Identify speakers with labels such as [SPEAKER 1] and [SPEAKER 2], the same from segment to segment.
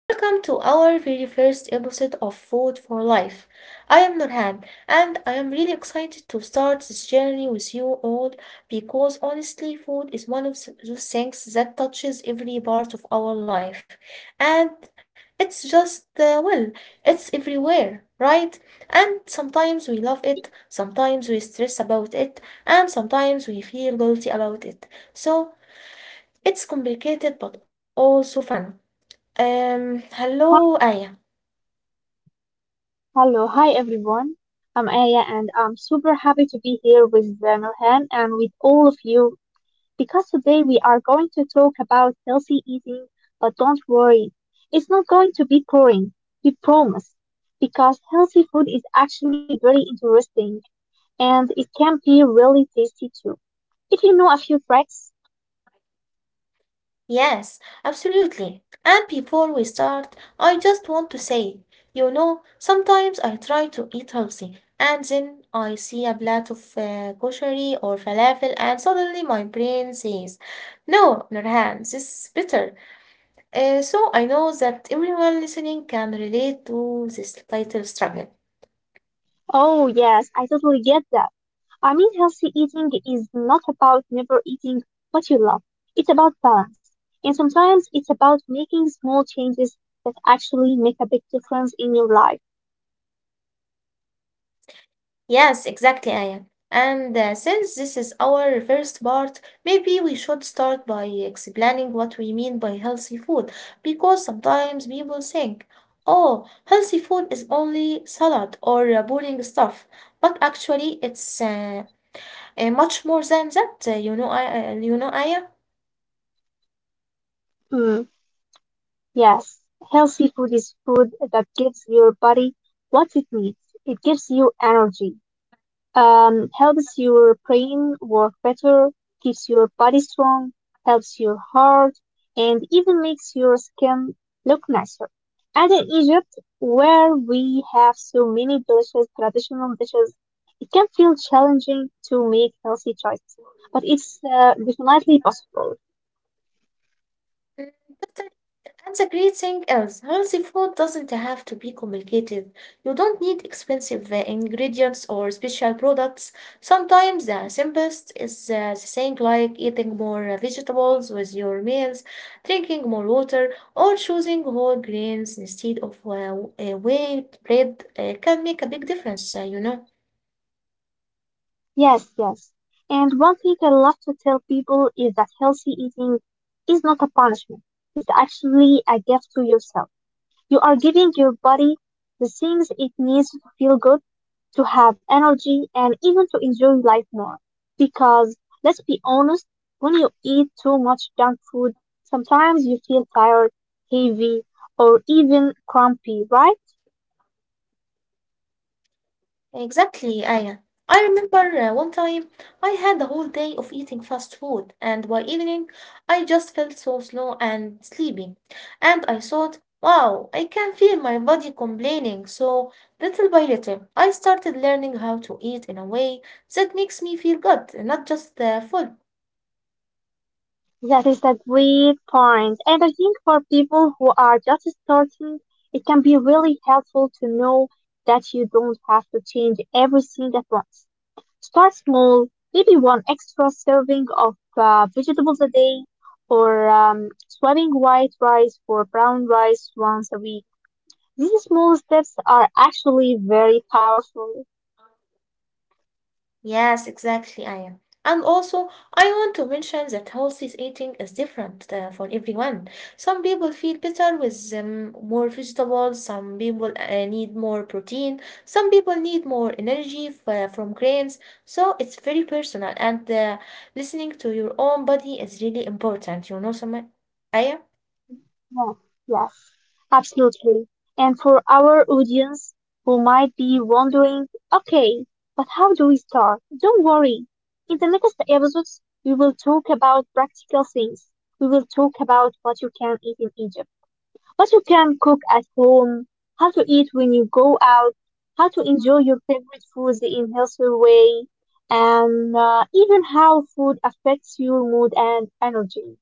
[SPEAKER 1] Welcome to our very first episode of Food for Life. I am Nurhan and I am really excited to start this journey with you all because honestly food is one of those things that touches every part of our life, and it's just well, it's everywhere, right? And sometimes we love it, sometimes we stress about it, and sometimes we feel guilty about it, so it's complicated but also fun.
[SPEAKER 2] Hi,
[SPEAKER 1] Hello, Aya.
[SPEAKER 2] hello, hi everyone. I'm Aya and I'm super happy to be here with Nurhan and with all of you because today we are going to talk about healthy eating, but don't worry, it's not going to be boring, we promise, because healthy food is actually very interesting and it can be really tasty too. If you know a few tricks.
[SPEAKER 1] Yes, absolutely. And before we start, I just want to say, sometimes I try to eat healthy, and then I see a plate of koshari or falafel, and suddenly my brain says, "No, Nurhan, this is bitter." So I know that everyone listening can relate to this title struggle.
[SPEAKER 2] Oh yes, I totally get that. I mean, healthy eating is not about never eating what you love. It's about balance. And sometimes it's about making small changes that actually make a big difference in your life.
[SPEAKER 1] Yes, exactly, Aya. And since this is our first part, maybe we should start by explaining what we mean by healthy food, because sometimes people think, oh, healthy food is only salad or boring stuff. But actually, it's much more than that, Aya.
[SPEAKER 2] Mm, yes, healthy food is food that gives your body what it needs. It gives you energy. Helps your brain work better, keeps your body strong, helps your heart, and even makes your skin look nicer. And in Egypt, where we have so many delicious traditional dishes, it can feel challenging to make healthy choices, but it's definitely possible.
[SPEAKER 1] Mm. And the great thing is, healthy food doesn't have to be complicated. You don't need expensive ingredients or special products. Sometimes the simplest is the thing, like eating more vegetables with your meals, drinking more water, or choosing whole grains instead of whey bread can make a big difference.
[SPEAKER 2] Yes, yes. And one thing I love to tell people is that healthy eating is not a punishment. It's actually a gift to yourself. You are giving your body the things it needs to feel good, to have energy, and even to enjoy life more. Because, let's be honest, when you eat too much junk food, sometimes you feel tired, heavy, or even crumpy, right?
[SPEAKER 1] Exactly, Aya. I remember one time I had a whole day of eating fast food, and by evening I just felt so slow and sleepy. And I thought, wow, I can feel my body complaining. So little by little, I started learning how to eat in a way that makes me feel good, not just full.
[SPEAKER 2] That is a great point. And I think for people who are just starting, it can be really helpful to know that you don't have to change everything at once. Start small, maybe one extra serving of vegetables a day, or swapping white rice for brown rice once a week. These small steps are actually very powerful.
[SPEAKER 1] Yes, exactly, I am. And also, I want to mention that healthy eating is different for everyone. Some people feel better with more vegetables, some people need more protein, some people need more energy from grains. So it's very personal, and listening to your own body is really important, you know, Samaya?
[SPEAKER 2] Yes, yes, absolutely. And for our audience who might be wondering, okay, but how do we start? Don't worry. In the next episodes, we will talk about practical things. We will talk about what you can eat in Egypt, what you can cook at home, how to eat when you go out, how to enjoy your favorite foods in healthy way, and even how food affects your mood and energy.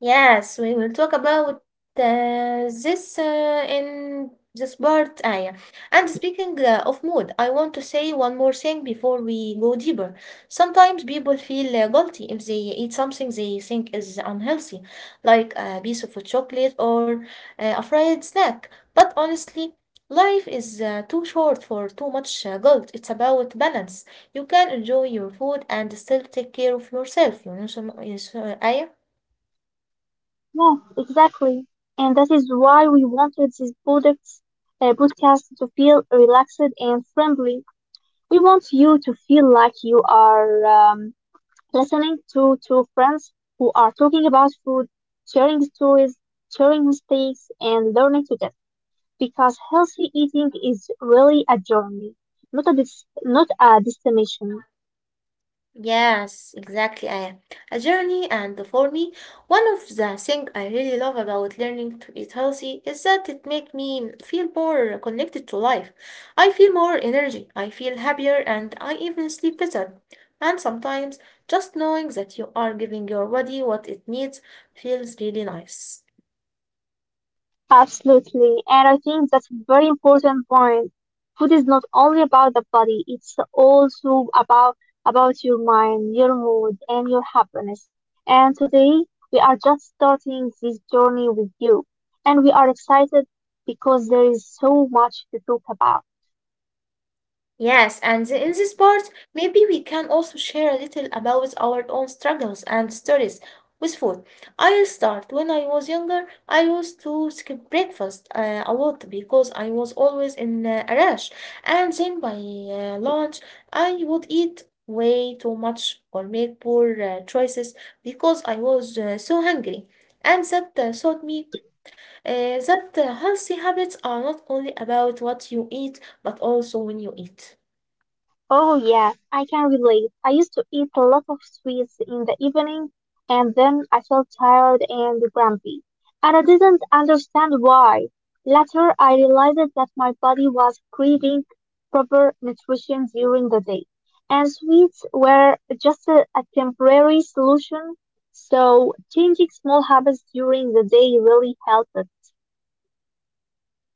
[SPEAKER 1] Yes, we will talk about this in this part, Aya. And speaking of mood, I want to say one more thing before we go deeper. Sometimes people feel guilty if they eat something they think is unhealthy, like a piece of chocolate or a fried snack. But honestly, life is too short for too much guilt. It's about balance. You can enjoy your food and still take care of yourself, so, Aya.
[SPEAKER 2] Yeah, exactly. And that is why we wanted this podcast to feel relaxed and friendly. We want you to feel like you are listening to two friends who are talking about food, sharing stories, sharing mistakes, and learning together. Because healthy eating is really a journey, not a destination.
[SPEAKER 1] Yes, exactly. A journey, and for me, one of the things I really love about learning to eat healthy is that it makes me feel more connected to life. I feel more energy, I feel happier, and I even sleep better. And sometimes just knowing that you are giving your body what it needs feels really nice.
[SPEAKER 2] Absolutely, and I think that's a very important point. Food is not only about the body; it's also about your mind, your mood, and your happiness. And today we are just starting this journey with you, and we are excited because there is so much to talk about.
[SPEAKER 1] Yes, and in this part, maybe we can also share a little about our own struggles and stories with food. I'll start. When I was younger, I used to skip breakfast a lot because I was always in a rush. And then by lunch, I would eat way too much or make poor choices because I was so hungry. And that taught me that healthy habits are not only about what you eat, but also when you eat.
[SPEAKER 2] Oh yeah, I can relate. I used to eat a lot of sweets in the evening and then I felt tired and grumpy. And I didn't understand why. Later I realized that my body was craving proper nutrition during the day. And sweets were just a temporary solution. So changing small habits during the day really helped.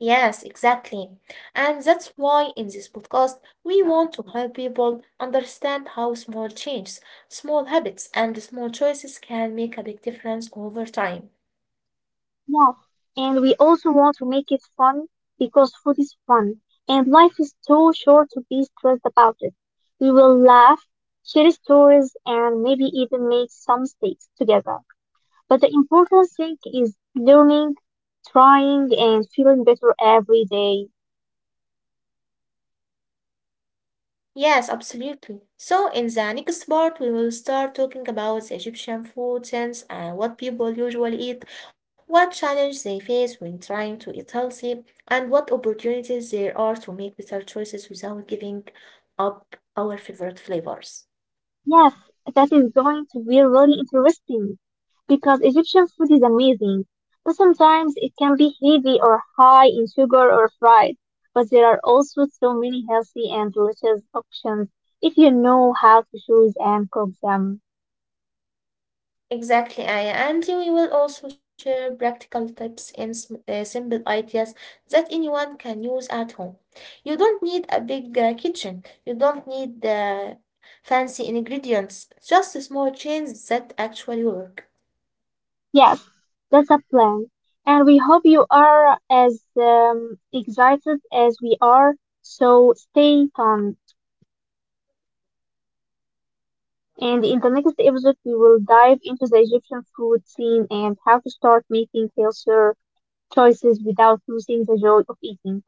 [SPEAKER 1] Yes, exactly. And that's why in this podcast, we want to help people understand how small changes, small habits, and small choices can make a big difference over time.
[SPEAKER 2] Yes, and we also want to make it fun because food is fun and life is too short to be stressed about it. We will laugh, share stories, and maybe even make some mistakes together. But the important thing is learning, trying, and feeling better every day.
[SPEAKER 1] Yes, absolutely. So, in the next part, we will start talking about the Egyptian food sense and what people usually eat, what challenges they face when trying to eat healthy, and what opportunities there are to make better choices without giving up our favorite flavors.
[SPEAKER 2] Yes, that is going to be really interesting because Egyptian food is amazing, but sometimes it can be heavy or high in sugar or fried. But there are also so many healthy and delicious options if you know how to choose and cook them.
[SPEAKER 1] Exactly, Aya. And we will also share practical tips and simple ideas that anyone can use at home. You don't need a big kitchen, you don't need fancy ingredients, just small changes that actually work.
[SPEAKER 2] Yes, that's a plan. And we hope you are as excited as we are, so stay tuned. And in the next episode, we will dive into the Egyptian food scene and how to start making healthier choices without losing the joy of eating.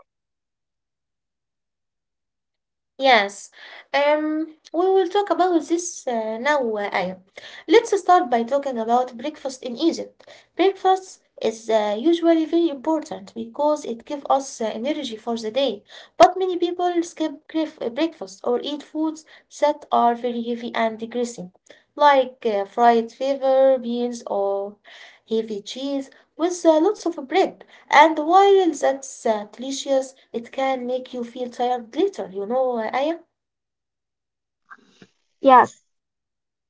[SPEAKER 1] Yes, um, we will talk about this now, Aya. Let's start by talking about breakfast in Egypt. Breakfast is usually very important because it gives us energy for the day. But many people skip breakfast or eat foods that are very heavy and greasy, like fried fever, beans, or heavy cheese with lots of bread. And while that's delicious, it can make you feel tired later, you know, Aya?
[SPEAKER 2] Yes,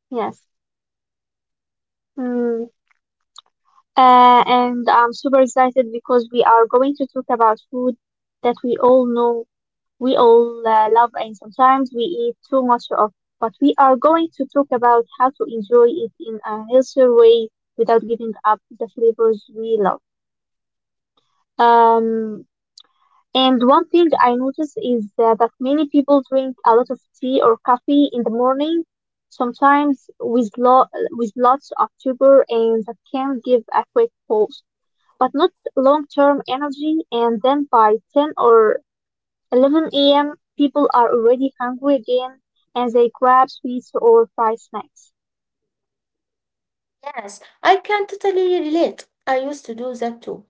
[SPEAKER 2] yes. Mm. And I'm super excited because we are going to talk about food that we all know, we all love, and sometimes we eat too much of. But we are going to talk about how to enjoy it in a healthier way without giving up the flavors we love. Um, And one thing I notice is that many people drink a lot of tea or coffee in the morning, sometimes with lo with lots of sugar, and that can give a quick pulse, but not long-term energy. And then by 10 or 11 a.m., people are already hungry again, and they grab sweets or fried snacks.
[SPEAKER 1] Yes, I can totally relate. I used to do that too.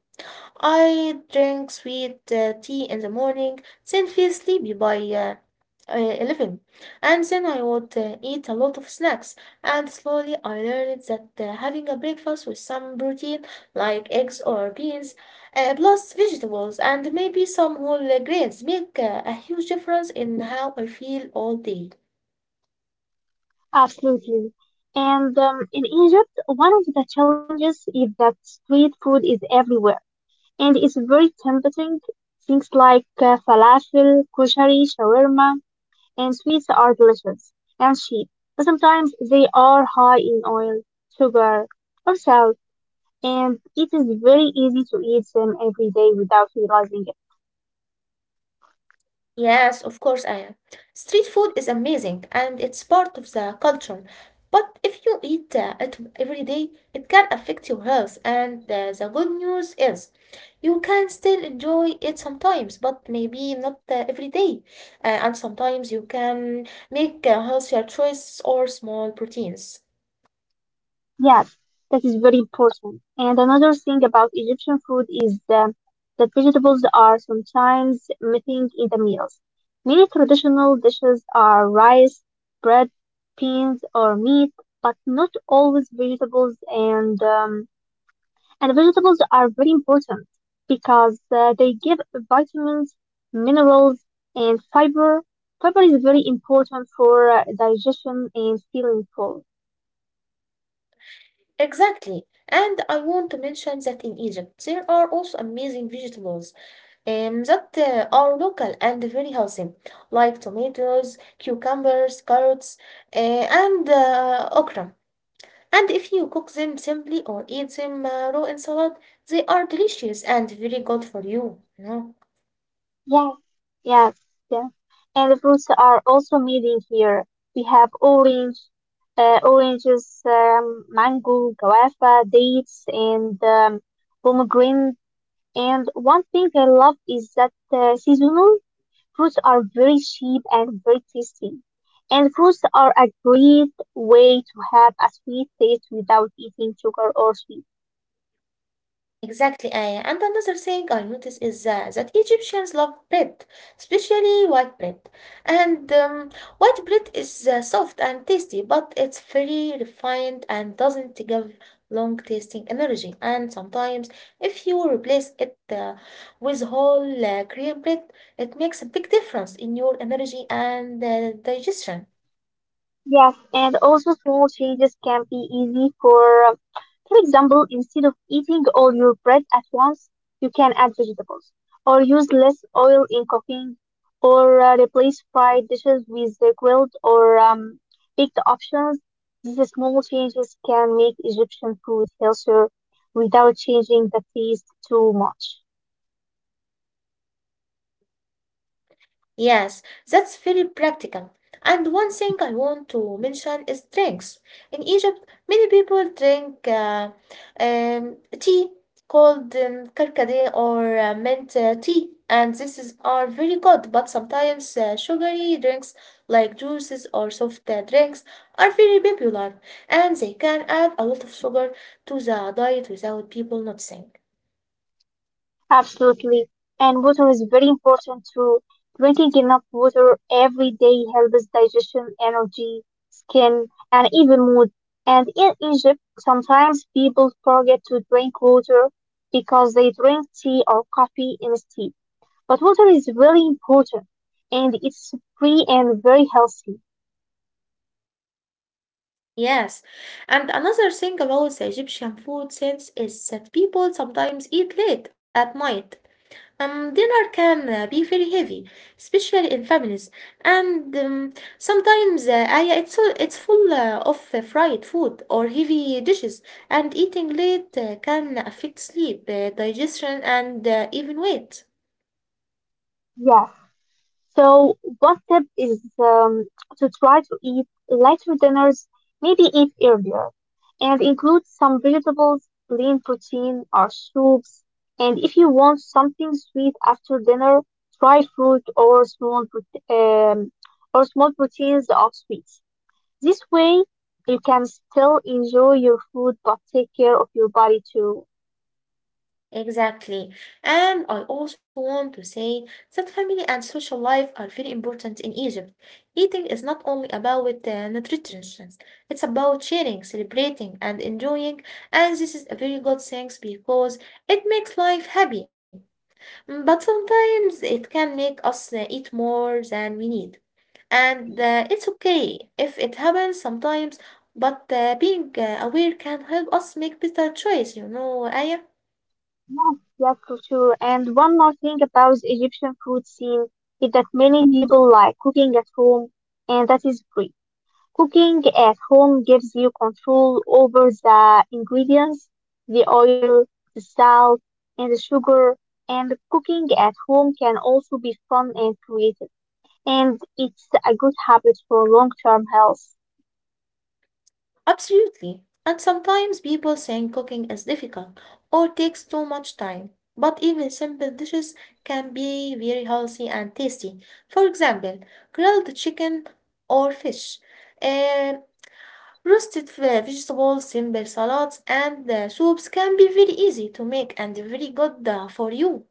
[SPEAKER 1] I drink sweet tea in the morning, then feel sleepy by 11, and then I would eat a lot of snacks, and slowly I learned that having a breakfast with some protein like eggs or beans plus vegetables and maybe some whole grains make a huge difference in how I feel all day.
[SPEAKER 2] Absolutely. And in Egypt, one of the challenges is that street food is everywhere and it's very tempting. Things like falafel, kushari, shawarma, and sweets are delicious and cheap, but sometimes they are high in oil, sugar, or salt, and it is very easy to eat them every day without realizing it.
[SPEAKER 1] Yes, of course I am. Street food is amazing and it's part of the culture. But if you eat it every day, it can affect your health. And the good news is you can still enjoy it sometimes, but maybe not every day. And sometimes you can make healthier choices or small proteins.
[SPEAKER 2] Yes, that is very important. And another thing about Egyptian food is that vegetables are sometimes missing in the meals. Many traditional dishes are rice, bread, beans, or meat, but not always vegetables. And vegetables are very important because they give vitamins, minerals, and fiber. Fiber is very important for digestion and feeling full.
[SPEAKER 1] Exactly. And I want to mention that in Egypt, there are also amazing vegetables, that are local and very healthy, like tomatoes, cucumbers, carrots, and okra. And if you cook them simply or eat them raw in salad, they are delicious and very good for you, you know.
[SPEAKER 2] Yes, yes, yes. And the fruits are also made in here. We have orange, oranges, mango, guava, dates, and pomegranate. And one thing I love is that seasonal fruits are very cheap and very tasty. And fruits are a great way to have a sweet taste without eating sugar or sweet.
[SPEAKER 1] Exactly, Aya. And another thing I notice is that Egyptians love bread, especially white bread. And white bread is soft and tasty, but it's very refined and doesn't give long tasting energy. And sometimes, if you replace it with whole grain bread, it makes a big difference in your energy and digestion.
[SPEAKER 2] Yes, and also small changes can be easy for example, instead of eating all your bread at once, you can add vegetables, or use less oil in cooking, or replace fried dishes with the grilled or baked options. These small changes can make Egyptian food healthier without changing the taste too much.
[SPEAKER 1] Yes, that's very practical. And one thing I want to mention is drinks. In Egypt, many people drink tea called karkade or mint tea, and this is are very good. But sometimes sugary drinks like juices or soft drinks are very popular, and they can add a lot of sugar to the diet without people noticing.
[SPEAKER 2] Absolutely. And water is very important too. Drinking enough water every day helps digestion, energy, skin, and even mood. And in Egypt, sometimes people forget to drink water because they drink tea or coffee instead. But water is really important and it's free and very healthy.
[SPEAKER 1] Yes, and another thing about the Egyptian food sense is that people sometimes eat late at night. Dinner can be very heavy, especially in families, and sometimes it's full of fried food or heavy dishes, and eating late can affect sleep, digestion, and even weight.
[SPEAKER 2] Yes. So, one tip is to try to eat lighter dinners, maybe eat earlier, and include some vegetables, lean protein, or soups. And if you want something sweet after dinner, try fruit or um, or small proteins of sweets. This way, you can still enjoy your food but take care of your body too.
[SPEAKER 1] Exactly. And I also want to say that family and social life are very important in Egypt. Eating is not only about nutrition, it's about sharing, celebrating, and enjoying. And this is a very good thing because it makes life happy. But sometimes it can make us eat more than we need. And it's okay if it happens sometimes, but being aware can help us make better choice, you know, Aya.
[SPEAKER 2] Yes, yes, for sure. And one more thing about the Egyptian food scene is that many people like cooking at home, and that is great. Cooking at home gives you control over the ingredients, the oil, the salt, and the sugar. And cooking at home can also be fun and creative. And it's a good habit for long-term health.
[SPEAKER 1] Absolutely. And sometimes people think cooking is difficult or takes too much time. But even simple dishes can be very healthy and tasty. For example, grilled chicken or fish, uh, roasted vegetables, simple salads, and soups can be very easy to make and very good for you.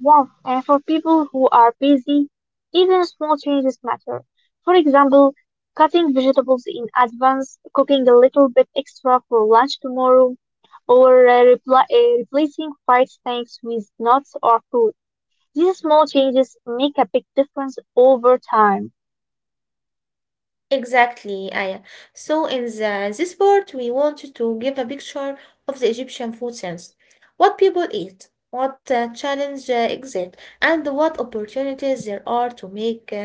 [SPEAKER 2] Yes, and for people who are busy, even small changes matter. For example, cutting vegetables in advance, cooking a little bit extra for lunch tomorrow, or repli replacing fried snacks with nuts or fruit. These small changes make a big difference over time.
[SPEAKER 1] Exactly, Aya. So in this part, we wanted to give a picture of the Egyptian food sense, what people eat, what challenges exist, and what opportunities there are to make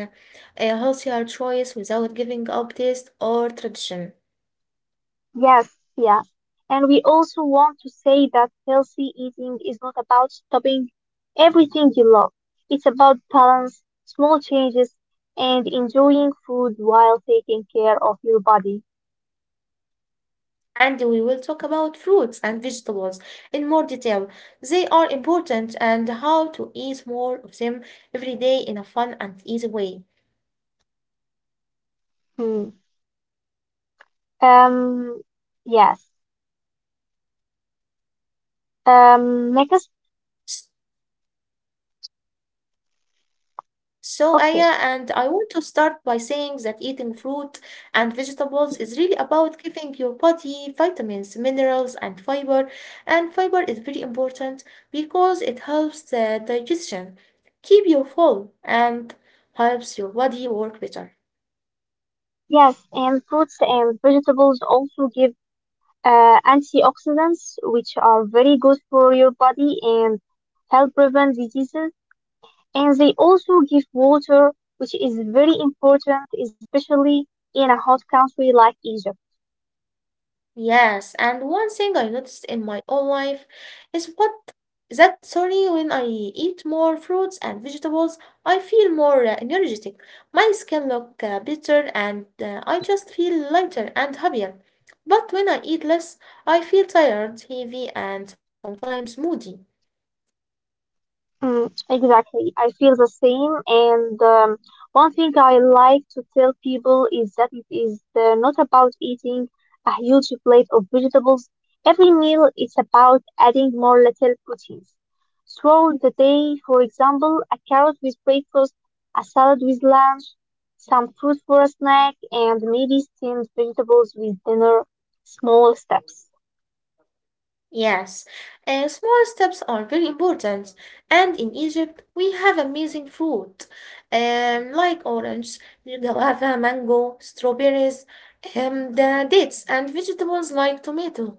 [SPEAKER 1] a healthier choice without giving up taste or tradition.
[SPEAKER 2] Yes, yes. And we also want to say that healthy eating is not about stopping everything you love. It's about balance, small changes, and enjoying food while taking care of your body.
[SPEAKER 1] And we will talk about fruits and vegetables in more detail. They are important and how to eat more of them every day in a fun and easy way.
[SPEAKER 2] Hmm. Um, yes. Next,
[SPEAKER 1] So,
[SPEAKER 2] okay.
[SPEAKER 1] Aya, and I want to start by saying that eating fruit and vegetables is really about giving your body vitamins, minerals, and fiber. And fiber is very important because it helps the digestion, keep you full, and helps your body work better.
[SPEAKER 2] Yes, and fruits and vegetables also give antioxidants, which are very good for your body and help prevent diseases, and they also give water, which is very important, especially in a hot country like Egypt.
[SPEAKER 1] Yes, and one thing I noticed in my own life is what that sorry, when I eat more fruits and vegetables, I feel more energetic. My skin look better and I just feel lighter and happier. But when I eat less, I feel tired, heavy, and sometimes moody.
[SPEAKER 2] Mm, exactly. I feel the same. And one thing I like to tell people is that it is not about eating a huge plate of vegetables. Every meal is about adding more little proteins. Throughout the day, for example, a carrot with breakfast, a salad with lunch, some fruit for a snack, and maybe steamed vegetables with dinner. Small steps.
[SPEAKER 1] Yes, small steps are very important. And in Egypt, we have amazing fruit, like orange, guava, mango, strawberries, and dates, and vegetables like tomato,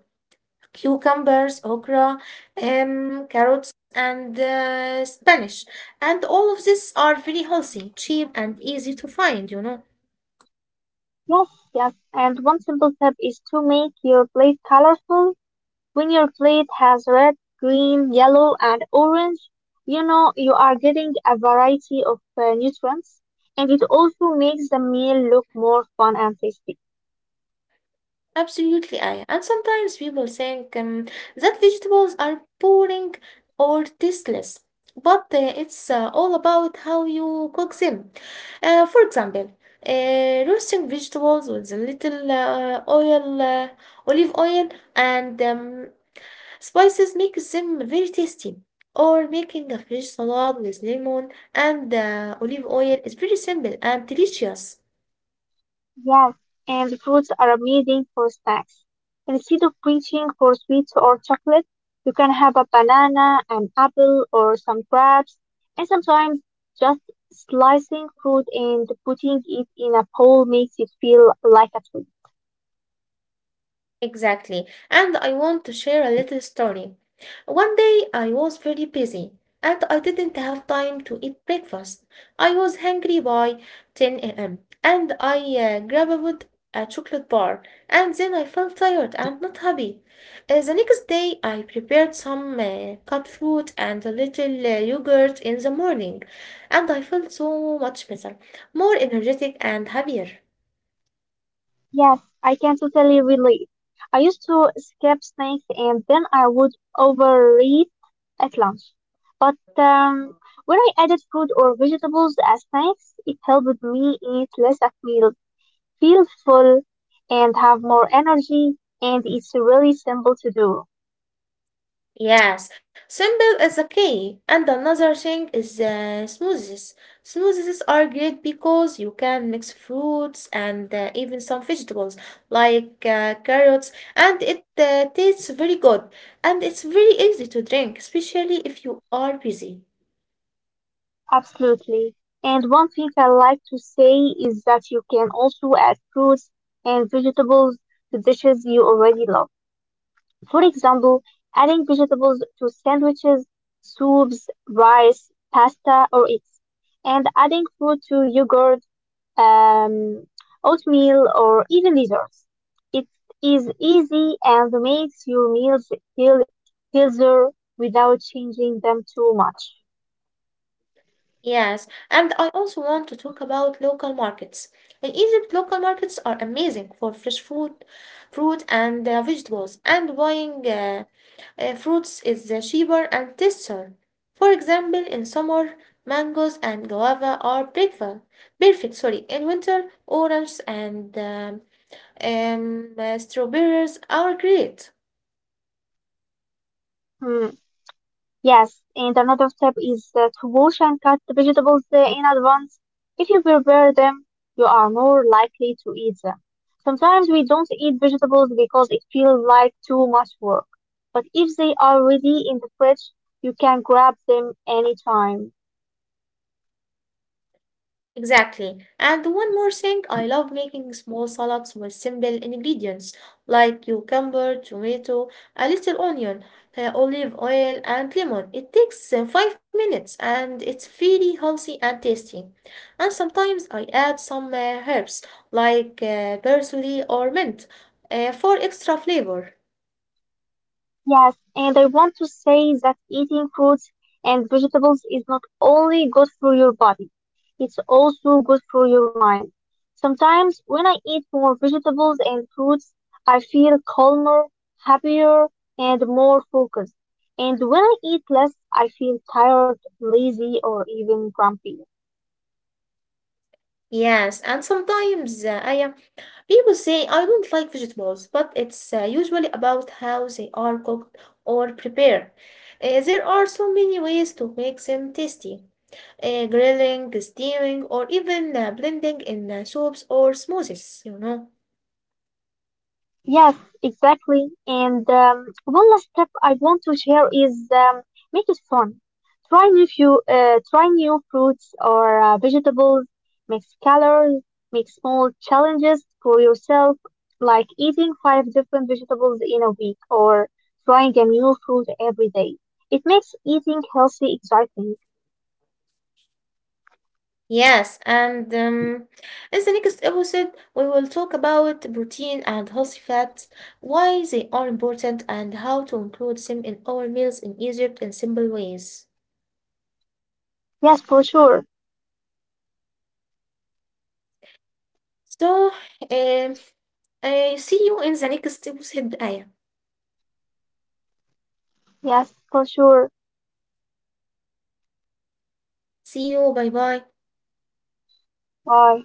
[SPEAKER 1] cucumbers, okra, carrots, and spinach. And all of these are very healthy, cheap, and easy to find.
[SPEAKER 2] Yes, yes. And one simple step is to make your plate colorful. When your plate has red, green, yellow, and orange, you know you are getting a variety of nutrients, and it also makes the meal look more fun and tasty.
[SPEAKER 1] Absolutely, I. And sometimes people think that vegetables are boring or tasteless, but it's all about how you cook them. For example, roasting vegetables with a little oil, olive oil, and spices makes them very tasty. Or making a fish salad with lemon and olive oil is very simple and delicious.
[SPEAKER 2] Yes, and the fruits are amazing for snacks. Instead of reaching for sweets or chocolate, you can have a banana, an apple, or some grapes, and sometimes just slicing fruit and putting it in a bowl makes it feel like a treat.
[SPEAKER 1] Exactly. And I want to share a little story. One day I was very busy and I didn't have time to eat breakfast. I was hungry by 10 a.m. and I grabbed a chocolate bar, and then I felt tired and not happy. The next day I prepared some cut fruit and a little yogurt in the morning, and I felt so much better, more energetic and happier.
[SPEAKER 2] Yes, I can totally relate. I used to skip snacks and then I would overeat at lunch. But when I added fruit or vegetables as snacks, it helped me eat less at meal, feel full, and have more energy. And it's really simple to do.
[SPEAKER 1] Yes, simple is the key. And another thing is smoothies. Smoothies are great because you can mix fruits and even some vegetables like carrots, and it tastes very good. And it's very easy to drink, especially if you are busy.
[SPEAKER 2] Absolutely. And one thing I like to say is that you can also add fruits and vegetables to dishes you already love. For example, adding vegetables to sandwiches, soups, rice, pasta, or eggs, and adding fruit to yogurt, um, oatmeal, or even desserts. It is easy and makes your meals feel healthier without changing them too much.
[SPEAKER 1] Yes, and I also want to talk about local markets. In Egypt, local markets are amazing for fresh food, fruit, and vegetables, and buying fruits is cheaper and tastier. For example, in summer, mangoes and guava are perfect. Perfect, sorry. In winter, oranges and strawberries are great.
[SPEAKER 2] Hmm. Yes, and another tip is to wash and cut the vegetables in advance. If you prepare them, you are more likely to eat them. Sometimes we don't eat vegetables because it feels like too much work, but if they are ready in the fridge, you can grab them anytime.
[SPEAKER 1] Exactly. And one more thing, I love making small salads with simple ingredients like cucumber, tomato, a little onion, olive oil, and lemon. It takes 5 minutes and it's very healthy and tasty. And sometimes I add some herbs like parsley or mint for extra flavor.
[SPEAKER 2] Yes, and I want to say that eating fruits and vegetables is not only good for your body, it's also good for your mind. Sometimes when I eat more vegetables and fruits, I feel calmer, happier, and more focused. And when I eat less, I feel tired, lazy, or even grumpy.
[SPEAKER 1] Yes, and sometimes I am. People say I don't like vegetables, but it's usually about how they are cooked or prepared. There are so many ways to make them tasty. Grilling, steaming, or even blending in soups or smoothies.
[SPEAKER 2] Yes, exactly. And one last step I want to share is make it fun. Try new fruits or vegetables. Mix colors. Make small challenges for yourself, like eating five different vegetables in a week or trying a new fruit every day. It makes eating healthy exciting.
[SPEAKER 1] Yes, and as the next episode, we will talk about protein and healthy fats, why they are important, and how to include them in our meals in Egypt in simple ways.
[SPEAKER 2] Yes, for sure.
[SPEAKER 1] So, um, I see you in the next episode, Aya.
[SPEAKER 2] Yes, for sure.
[SPEAKER 1] See you, bye bye.
[SPEAKER 2] Bye.